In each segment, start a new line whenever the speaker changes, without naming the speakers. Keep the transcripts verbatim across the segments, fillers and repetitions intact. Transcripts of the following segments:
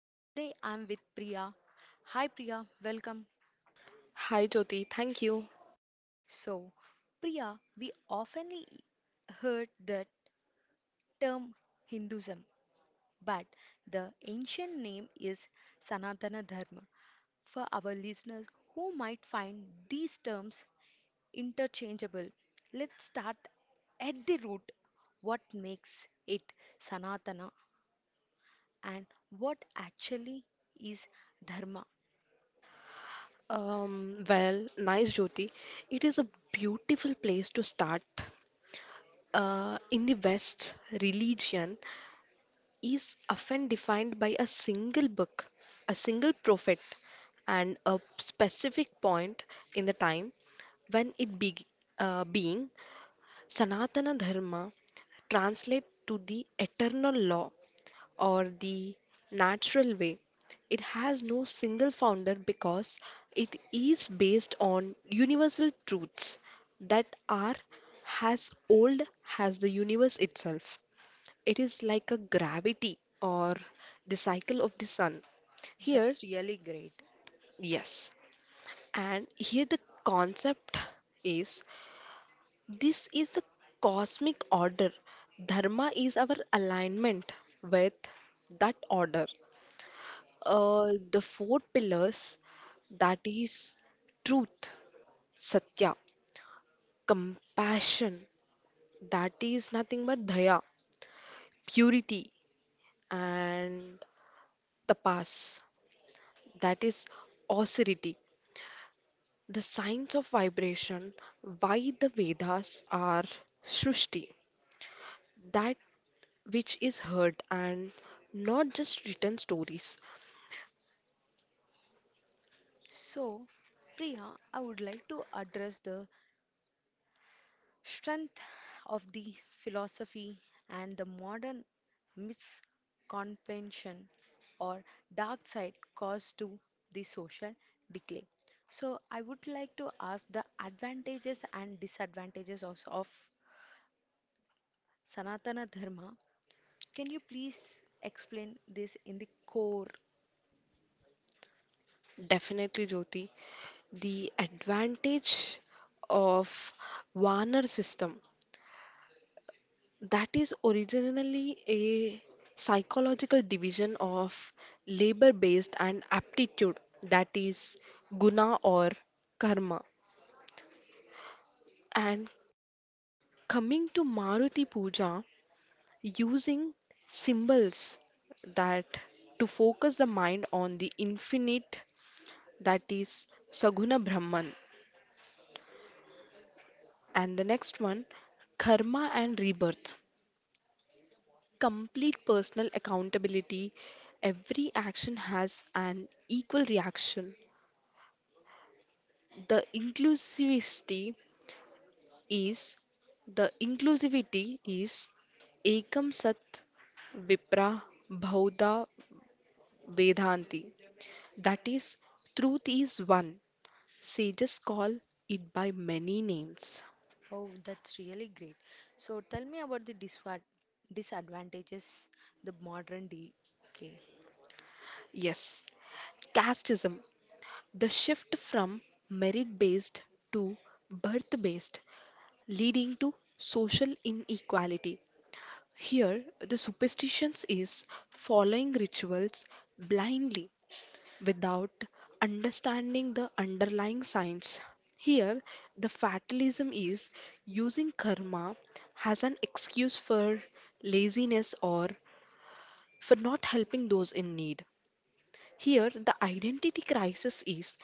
So today I'm with Priya. Hi Priya, welcome.
Hi Jyoti, thank you.
So, Priya, we often heard the term Hinduism, but the ancient name is Sanatana Dharma. For our listeners who might find these terms interchangeable, let's start at the root. What makes it Sanatana and what actually is Dharma?
Um, well, nice Jyoti. It is a beautiful place to start. Uh, in the West, religion is often defined by a single book, a single prophet, and a specific point in the time when it be, uh, being Sanatana Dharma translate to the eternal law or the natural way. It has no single founder because it is based on universal truths that are as old as the universe itself. It is like a gravity or the cycle of the sun. Here,
That's really great.
yes, and here the concept is this is the cosmic order. Dharma is our alignment with that order. Uh, the four pillars that is truth, satya, compassion, that is nothing but daya, purity, and tapas, that is austerity. The signs of vibration, why the Vedas are srushti, that which is heard and not just written stories.
So, Priya, I would like to address the strength of the philosophy and the modern misconception or dark side caused to the social decay. So, I would like to ask the advantages and disadvantages of, of Sanatana Dharma. Can you please explain this in the core?
Definitely, Jyoti. The advantage of Warner system that is originally a psychological division of labor based and aptitude that is guna or karma, and coming to maruti puja using symbols that to focus the mind on the infinite that is saguna brahman. And the next one, karma and rebirth. Complete personal accountability. Every action has an equal reaction. The inclusivity is the inclusivity is ekam sat vipra bhauda vedanti. That is, truth is one. Sages call it by many names.
Oh, that's really great. So tell me about the disva- disadvantages, the modern D K.
Yes, casteism. The shift from merit based to birth based, leading to social inequality. Here, the superstitions is following rituals blindly without understanding the underlying science. Here, the fatalism is using karma as an excuse for laziness or for not helping those in need. Here, the identity crisis is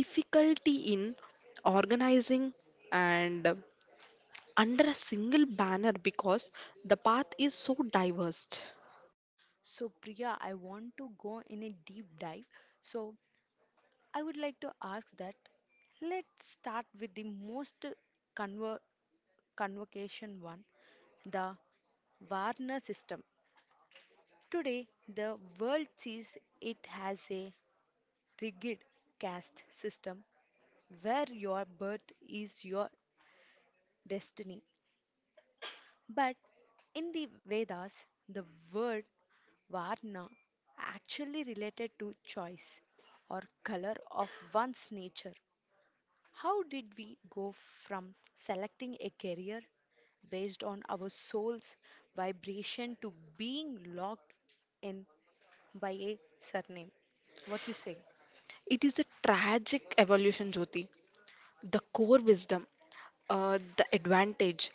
difficulty in organizing and under a single banner because the path is so diverse.
So Priya, I want to go in a deep dive. So I would like to ask that, let's start with the most conver- convocation one, the Warner system. Today, the world sees it as a rigid caste system where your birth is your destiny. But in the Vedas, the word varna actually related to choice or color of one's nature. How did we go from selecting a career based on our soul's vibration to being locked in by a surname? What you say?
It is a tragic evolution, Jyoti. The core wisdom, uh, the advantage.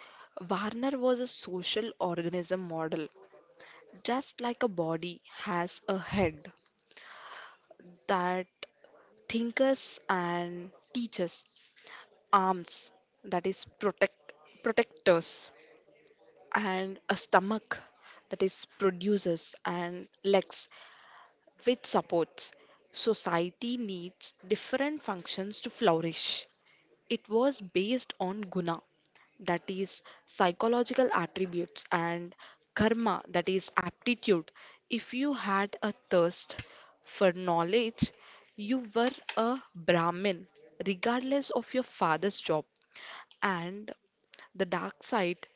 Warner was a social organism model. Just like a body has a head that thinkers and teachers, arms that is protect protectors, and a stomach that is produces and legs which supports society needs different functions to flourish. It was based on guna that is psychological attributes and karma that is aptitude. If you had a thirst for knowledge you were a brahmin regardless of your father's job. And the dark side,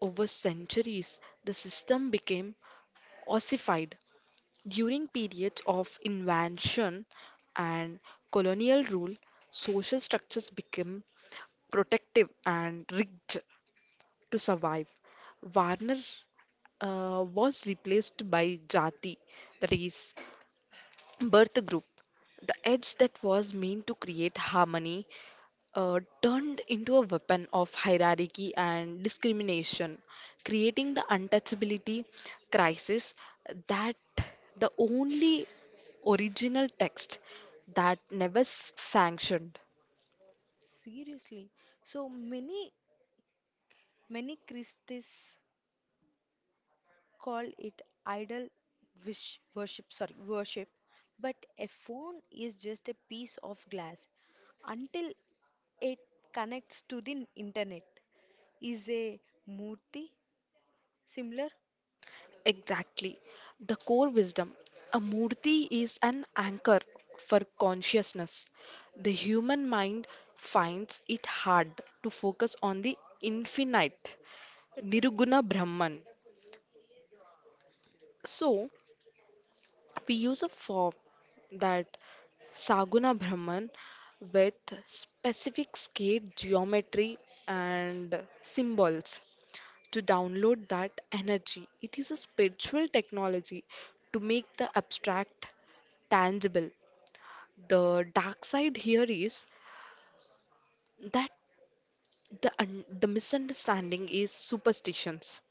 over centuries, the system became ossified. During periods of invasion and colonial rule, social structures became protective and rigged to survive. Varner uh, Was replaced by Jati, that is, birth group, the edge that was meant to create harmony uh, turned into a weapon of hierarchy and discrimination, creating the untouchability crisis, that the only original text that never s- sanctioned.
Seriously. So many many Christies call it idol wish worship, sorry, worship, but a phone is just a piece of glass until it connects to the internet. Is a murti similar?
Exactly. The core wisdom. A murti is an anchor for consciousness. The human mind finds it hard to focus on the infinite Nirguna Brahman. So, we use a form that Saguna Brahman with specific skate geometry and symbols to download that energy. It is a spiritual technology to make the abstract tangible. The dark side here is that the, un- the misunderstanding is superstitions.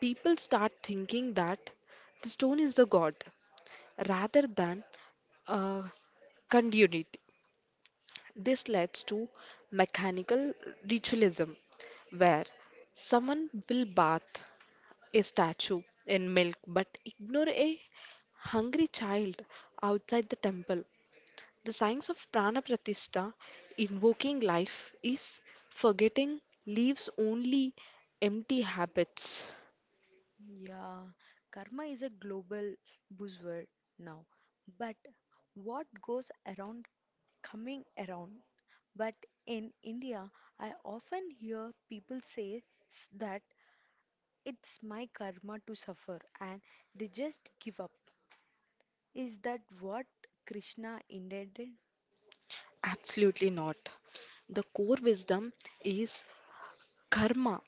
People start thinking that the stone is the god rather than uh, continuity. This leads to mechanical ritualism, where someone will bath a statue in milk but ignore a hungry child outside the temple. The science of prana pratishtha, invoking life, is forgetting leaves only empty habits.
Yeah, karma is a global buzzword now, but what goes around coming around. But in India, I often hear people say s- that it's my karma to suffer, and they just give up. Is that what Krishna intended?
Absolutely not. The core wisdom is karma.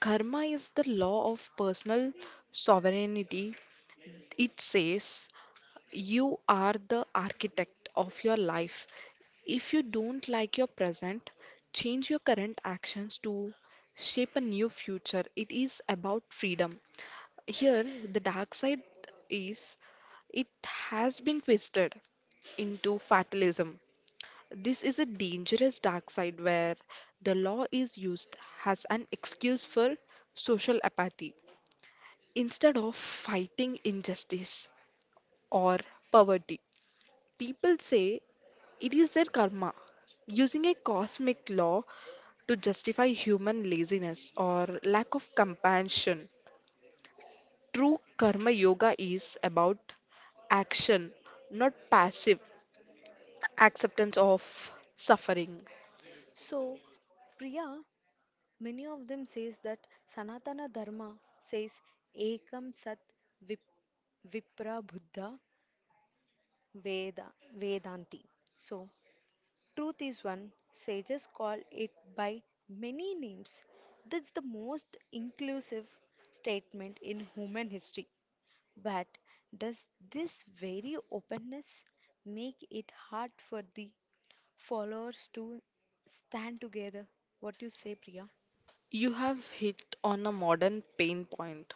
Karma is the law of personal sovereignty. It says you are the architect of your life. If you don't like your present, change your current actions to shape a new future. It is about freedom. Here, the dark side is it has been twisted into fatalism. This is a dangerous dark side where the law is used as an excuse for social apathy. Instead of fighting injustice or poverty, people say it is their karma, using a cosmic law to justify human laziness or lack of compassion. True karma yoga is about action, not passive acceptance of suffering.
So, Priya, many of them says that Sanatana Dharma says Ekam Sat Vip Vipra Buddha Veda Vedanti. So, truth is one. Sages call it by many names. That's the most inclusive statement in human history. But does this very openness make it hard for the followers to stand together? What do you say, Priya?
You have hit on a modern pain point.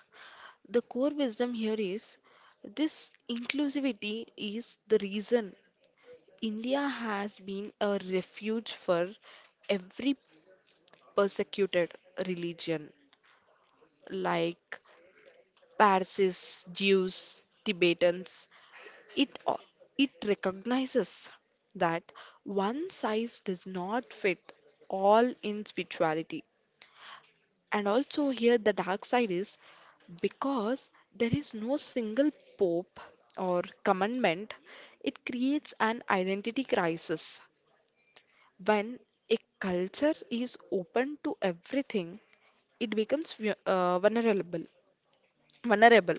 The core wisdom here is this inclusivity is the reason India has been a refuge for every persecuted religion, like Parsis, Jews, Tibetans. It, o- it recognizes that one size does not fit all in spirituality. And also, here the dark side is because there is no single pope or commandment, it creates an identity crisis. When a culture is open to everything, it becomes vu- uh, vulnerable. Vulnerable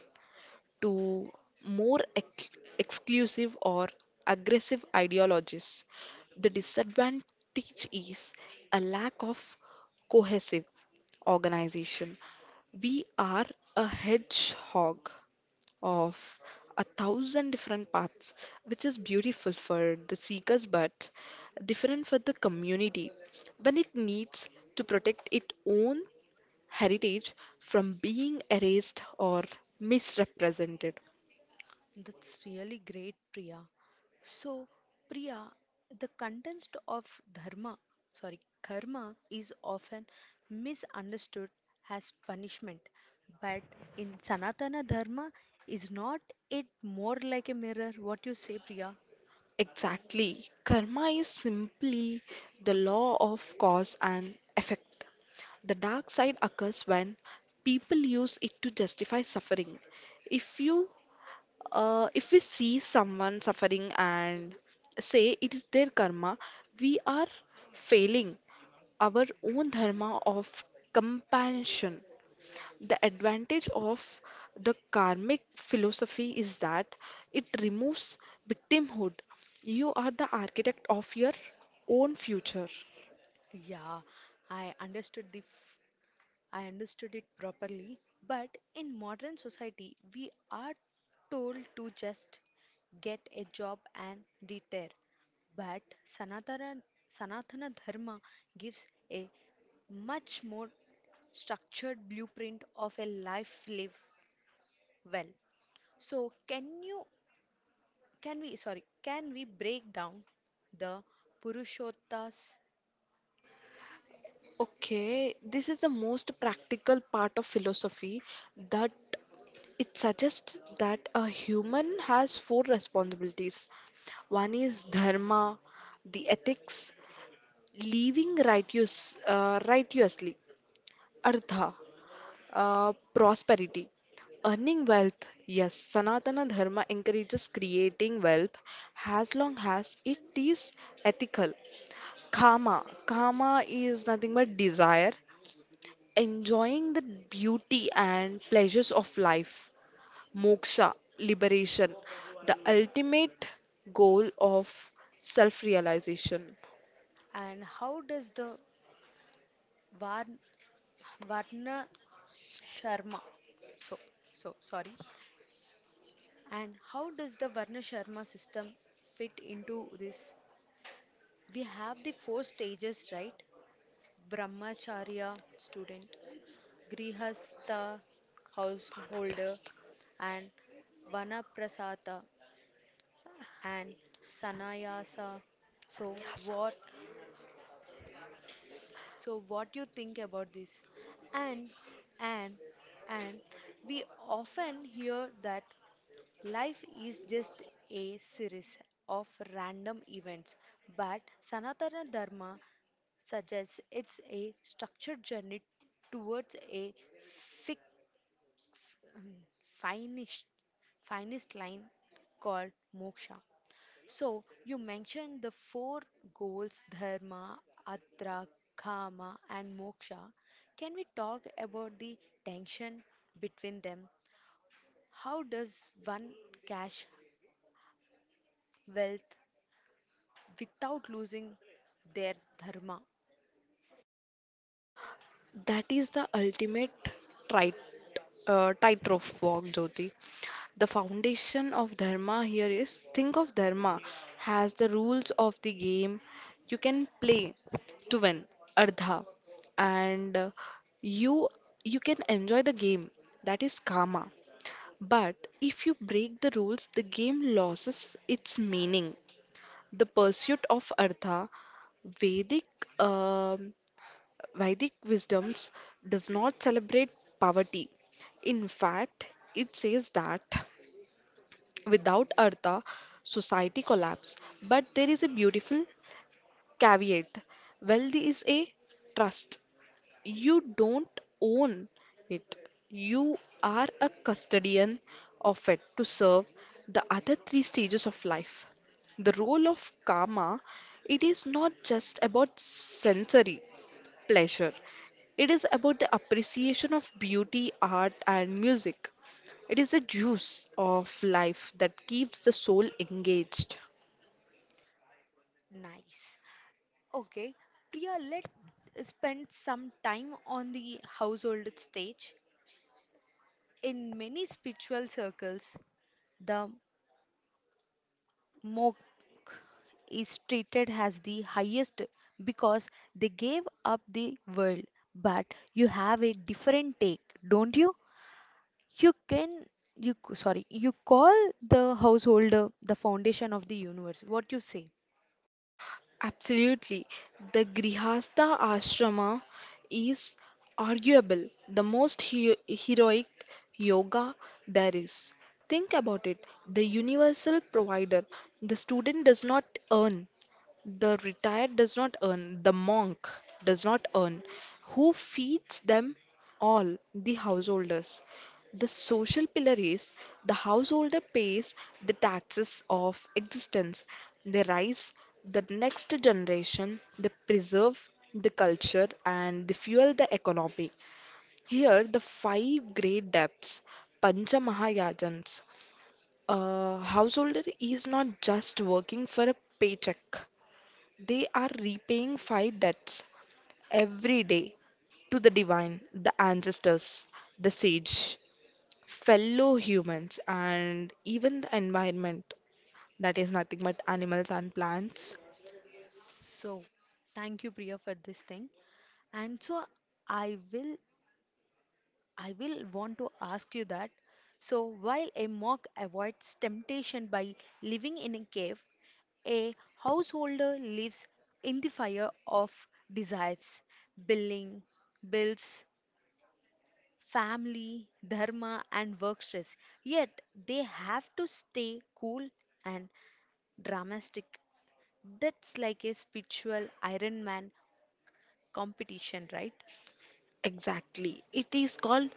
to more ex- exclusive or aggressive ideologies. The disadvantage is a lack of cohesive organization. We are a hedgehog of a thousand different paths, which is beautiful for the seekers but different for the community when it needs to protect its own heritage from being erased or misrepresented.
That's really great, Priya. So, Priya, the context of dharma, sorry, karma is often misunderstood as punishment, but in Sanatana dharma, is not it more like a mirror? What you say, Priya?
Exactly. Karma is simply the law of cause and effect. The dark side occurs when people use it to justify suffering. If you uh, if we see someone suffering and say it is their karma, we are failing our own dharma of compassion. The advantage of the karmic philosophy is that it removes victimhood. You are the architect of your own future.
Yeah, I understood the f- I understood it properly, but in modern society, we are told to just get a job and retire. But Sanatana, Sanatana Dharma gives a much more structured blueprint of a life live well. So can you can we sorry can we break down the Purushottas
Okay, this is the most practical part of philosophy that it suggests that a human has four responsibilities. One is dharma, the ethics, living righteous, uh, righteously, artha, Uh, prosperity. Earning wealth. Yes, Sanatana Dharma encourages creating wealth as long as it is ethical. Kama. Kama is nothing but desire, enjoying the beauty and pleasures of life. Moksha, liberation, the ultimate goal of self realization.
and how does the Var- Varna Sharma. So, so sorry. And how does the Varna Sharma system fit into this? We have the four stages, right? Brahmacharya, student, Grihastha, householder, and Vanaprasatha and Sannyasa. So what? So what you think about this? And and and we often hear that life is just a series of random events, but Sanatana Dharma suggests it's a structured journey towards a fic- finest, finest line called moksha. So, you mentioned the four goals, dharma, atra, kama, and moksha. Can we talk about the tension between them? How does one cash wealth without losing their dharma.
That is the ultimate tight, uh, tightrope walk, Jyoti. The foundation of dharma here is think of dharma as the rules of the game you can play to win, ardha, and uh, you you can enjoy the game. That is karma. But if you break the rules, the game loses its meaning. The pursuit of artha, Vedic um, Vedic wisdoms does not celebrate poverty. In fact, it says that without Artha, society collapse. But there is a beautiful caveat. Wealth is a trust. You don't own it. You are a custodian of it to serve the other three stages of life. The role of karma, it is not just about sensory pleasure. It is about the appreciation of beauty, art, and music. It is a juice of life that keeps the soul engaged.
Nice. Okay, Priya, let's spend some time on the household stage. In many spiritual circles, the monk is treated as the highest because they gave up the world. But you have a different take, don't you? You can, you c- sorry, You call the householder the foundation of the universe. What you say?
Absolutely. The Grihastha Ashrama is arguable the most hero- heroic yoga there is. Think about it, the universal provider. The student does not earn, the retired does not earn, the monk does not earn. Who feeds them all? The householders. The social pillar is the householder pays the taxes of existence. They raise the next generation, they preserve the culture, and they fuel the economy. Here, the five great debts, Pancha Mahayajans. A householder is not just working for a paycheck, they are repaying five debts every day to the divine, the ancestors, the sage, fellow humans, and even the environment that is nothing but animals and plants.
So, thank you, Priya, for this thing. And so, I will, I will want to ask you that. So, while a monk avoids temptation by living in a cave, a householder lives in the fire of desires, billing, bills, family, dharma, and work stress. Yet, they have to stay cool and dramatic. That's like a spiritual Iron Man competition, right?
Exactly. It is called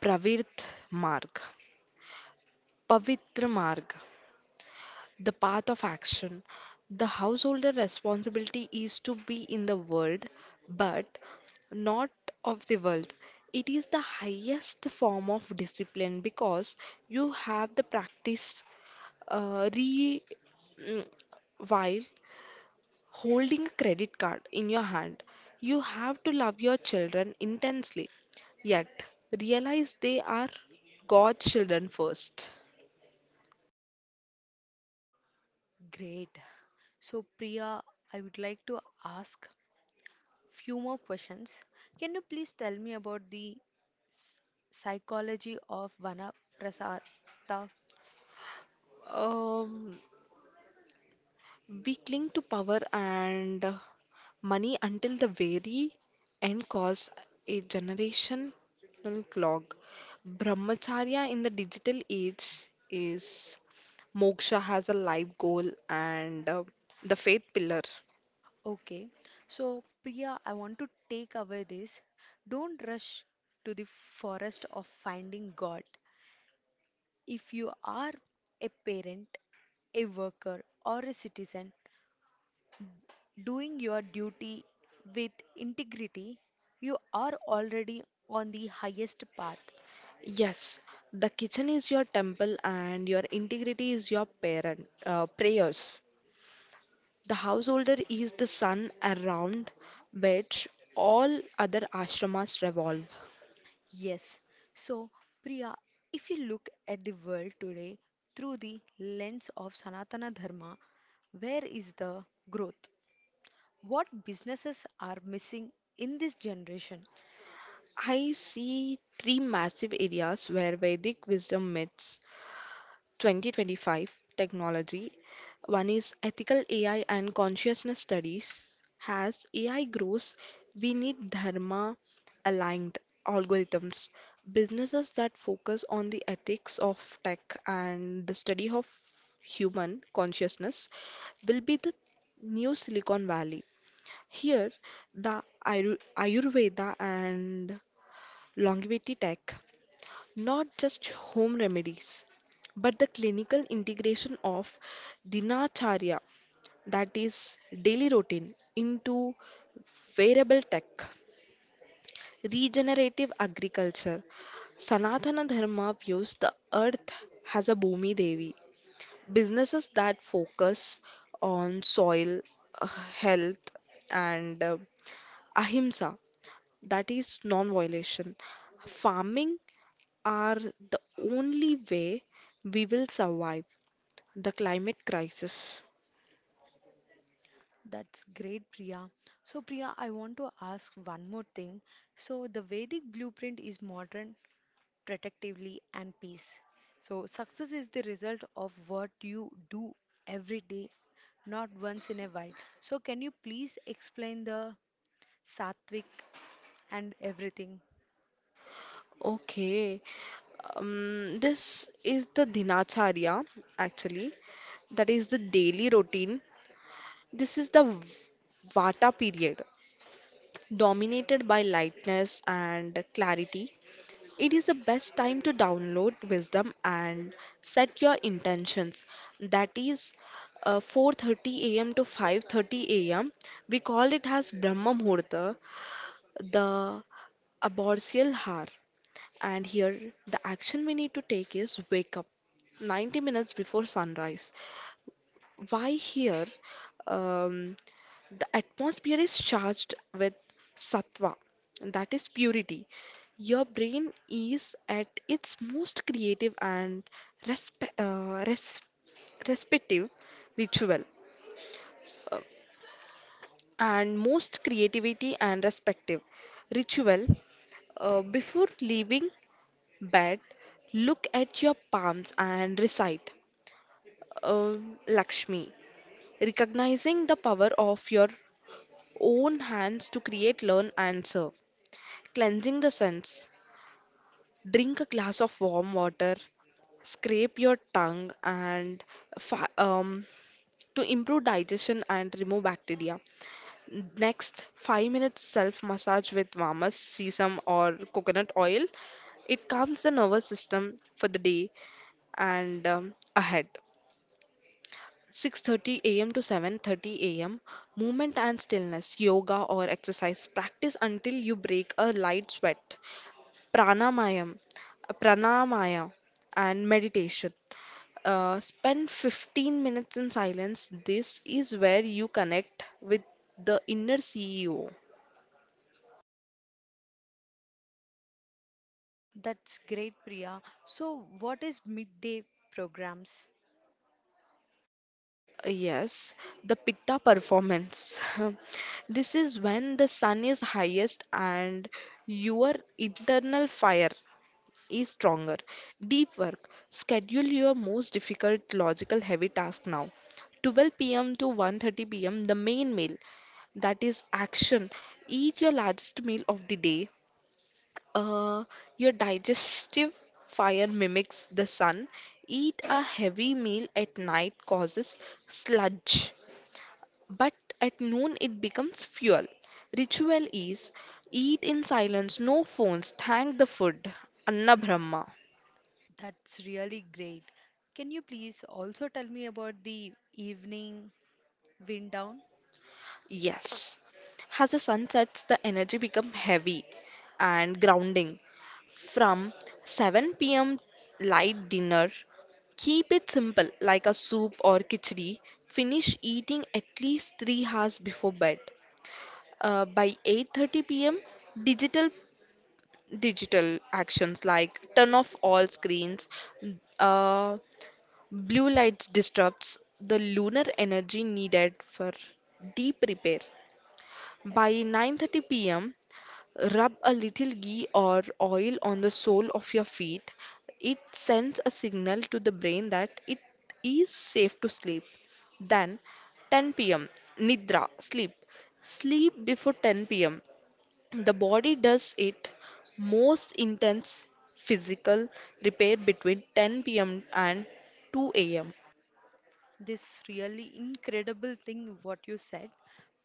Pravit Marg, Pavitra Marg, the path of action. The householder responsibility is to be in the world, but not of the world. It is the highest form of discipline because you have the practice uh, re mm, while holding a credit card in your hand. You have to love your children intensely, yet realize they are God's children first.
Great. So, Priya, I would like to ask few more questions. Can you please tell me about the psychology of Vanaprastha?
Um, we cling to power and uh, money until the very end, cause a generational clog. Brahmacharya in the digital age is moksha has a life goal and uh, the faith pillar.
Okay. So, Priya, I want to take away this. Don't rush to the forest of finding God. If you are a parent, a worker, or a citizen doing your duty with integrity, you are already on the highest path.
Yes, the kitchen is your temple and your integrity is your parent uh, prayers. The householder is the sun around which all other ashramas revolve.
Yes. So, Priya, if you look at the world today through the lens of Sanatana Dharma, where is the growth? What businesses are missing in this generation?
I see three massive areas where Vedic wisdom meets twenty twenty-five technology. One is ethical A I and consciousness studies. As A I grows, we need dharma aligned algorithms, businesses that focus on the ethics of tech and the study of human consciousness will be the new Silicon Valley. Here, the Ayur- Ayurveda and longevity tech, not just home remedies, but the clinical integration of dinacharya, that is, daily routine, into wearable tech, regenerative agriculture. Sanatana Dharma views the earth as a Bhumi Devi. Businesses that focus on soil uh, health and uh, ahimsa, that is non violation, farming are the only way we will survive the climate crisis.
That's great, Priya. So, Priya, I want to ask one more thing. So, the Vedic blueprint is modern, protectively, and peace. So, success is the result of what you do every day, not once in a while. So, can you please explain the Satvik, and everything.
Okay, um, this is the Dinacharya actually, that is the daily routine. This is the v- Vata period, dominated by lightness and clarity. It is the best time to download wisdom and set your intentions. That is uh, four thirty a m to five thirty a m. We call it as Brahma Muhurta, the ambrosial hour. And here, the action we need to take is wake up ninety minutes before sunrise. Why here? Um, the atmosphere is charged with sattva, that is purity. Your brain is at its most creative and respe uh, res respective ritual, and most creativity and respective ritual. Uh, before leaving bed, look at your palms and recite uh, Lakshmi, recognizing the power of your own hands to create, learn, and serve. Cleansing the sense. Drink a glass of warm water, scrape your tongue, and fi- um, to improve digestion and remove bacteria. Next, five minutes self massage with Vamas, sesame, or coconut oil. It calms the nervous system for the day and um, ahead. six thirty a m to seven thirty a m. Movement and stillness, yoga or exercise. Practice until you break a light sweat. Pranamayam, pranamaya and meditation. Uh, spend fifteen minutes in silence. This is where you connect with the inner C E O.
That's great, Priya. So, what is midday programs?
Yes, the Pitta performance. This is when the sun is highest and your internal fire is stronger. Deep work. Schedule your most difficult logical heavy task now. twelve p m to one thirty p m, the main meal, that is action. Eat your largest meal of the day. Uh, your digestive fire mimics the sun. Eat a heavy meal at night causes sludge, but at noon it becomes fuel. Ritual is eat in silence, no phones, thank the food. Anna Brahma.
That's really great. Can you please also tell me about the evening wind down?
Yes. As the sun sets, the energy becomes heavy and grounding. From seven p m light dinner, keep it simple like a soup or khichdi. Finish eating at least three hours before bed. Uh, by eight thirty p m, digital digital actions like turn off all screens. uh, Blue lights disrupts the lunar energy needed for deep repair. By nine thirty p m, rub a little ghee or oil on the sole of your feet. It sends a signal to the brain that it is safe to sleep. Then ten p m, nidra, sleep. Sleep before ten p m. The body does its most intense physical repair between ten p m and two a m.
This really incredible thing what you said,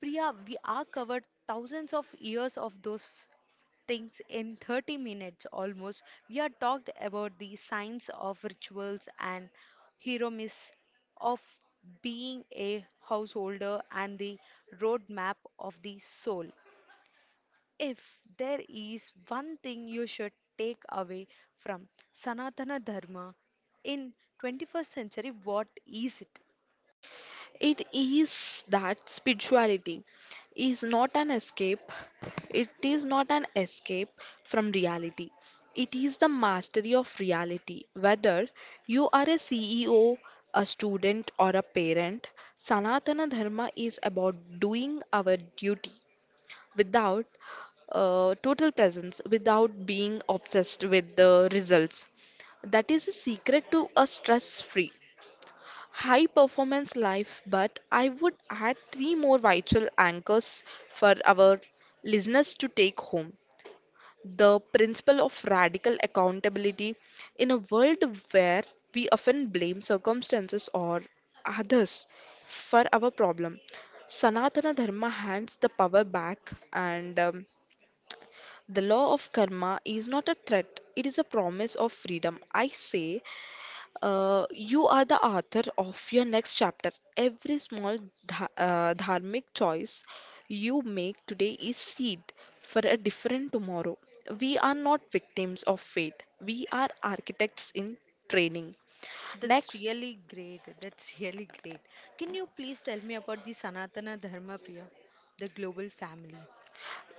Priya. We are covered thousands of years of those things in thirty minutes almost. We are talked about the science of rituals and hero myths of being a householder and the roadmap of the soul. If there is one thing you should take away from Sanatana Dharma in twenty-first century, what is it?
It is that spirituality is not an escape, it is not an escape from reality. It is the mastery of reality. Whether you are a C E O, a student, or a parent, Sanatana Dharma is about doing our duty without uh, total presence, without being obsessed with the results. That is a secret to a stress free, high performance life, but I would add three more vital anchors for our listeners to take home. The principle of radical accountability in a world where we often blame circumstances or others for our problem. Sanatana Dharma hands the power back, and um, the law of karma is not a threat, it is a promise of freedom. I say uh, you are the author of your next chapter. Every small dha uh, dharmic choice you make today is seed for a different tomorrow. We are not victims of fate. We are architects in training.
That's
Next,
really great. That's really great. Can you please tell me about the Sanatana Dharma, Priya, the global family?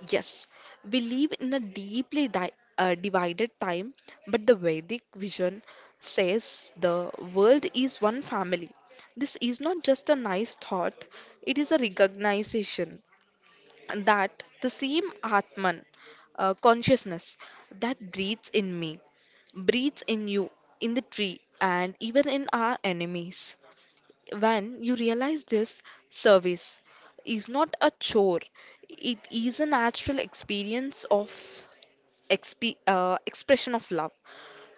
yes, we live in a deeply di uh, divided time, but the Vedic vision says the world is one family. This is not just a nice thought, it is a recognition that the same Atman uh, consciousness that breathes in me, breathes in you, in the tree, and even in our enemies. When you realize this, service is not a chore, it is a natural experience of exp- uh, expression of love.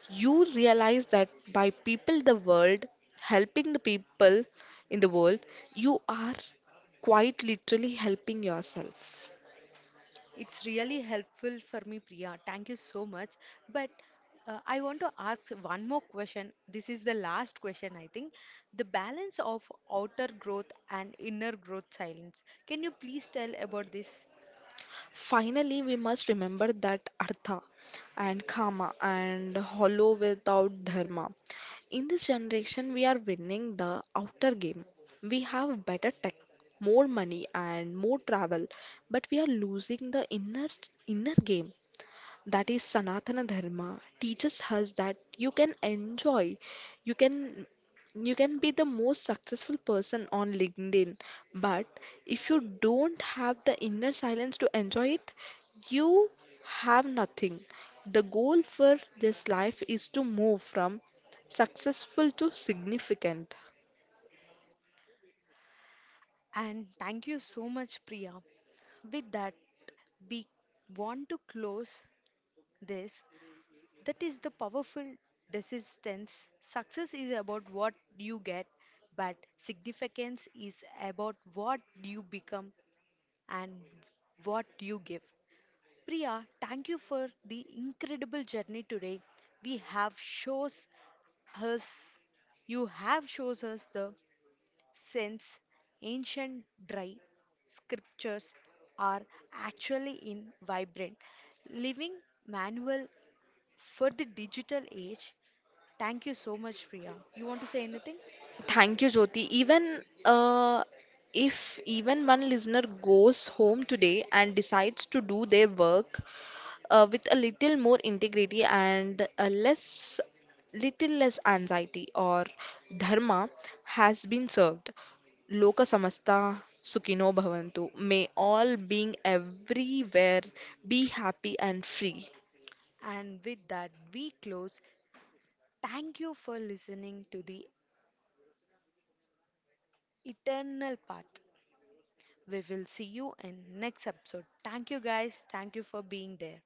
You realize that by people, the world, helping the people in the world, you are quite literally helping yourself.
It's really helpful for me, Priya. Thank you so much. But uh, I want to ask one more question. This is the last question, I think. The balance of outer growth and inner growth silence. Can you please tell about this?
Finally, we must remember that artha and kama and hollow without dharma. In this generation, we are winning the outer game. We have better tech, more money, and more travel, but we are losing the inner inner game, that is Sanatana Dharma, teaches us that you can enjoy, you can you can be the most successful person on LinkedIn, but if you don't have the inner silence to enjoy it, you have nothing. The goal for this life is to move from successful to significant.
And thank you so much, Priya. With that, we want to close this. That is the powerful desistance. Success is about what you get, but significance is about what you become and what you give. Priya, thank you for the incredible journey today. We have shows us, you have shows us the sense ancient dry scriptures are actually in vibrant living manual for the digital age. Thank you so much, Priya. You want to say anything?
Thank you, Jyoti. Even uh, If even one listener goes home today and decides to do their work uh, with a little more integrity and a less, little less anxiety, or dharma has been served. Loka samasta sukhino bhavantu. May all being everywhere be happy and free.
And with that, we close. Thank you for listening to the Eternal Path. We will see you in next episode. Thank you guys. Thank you for being there.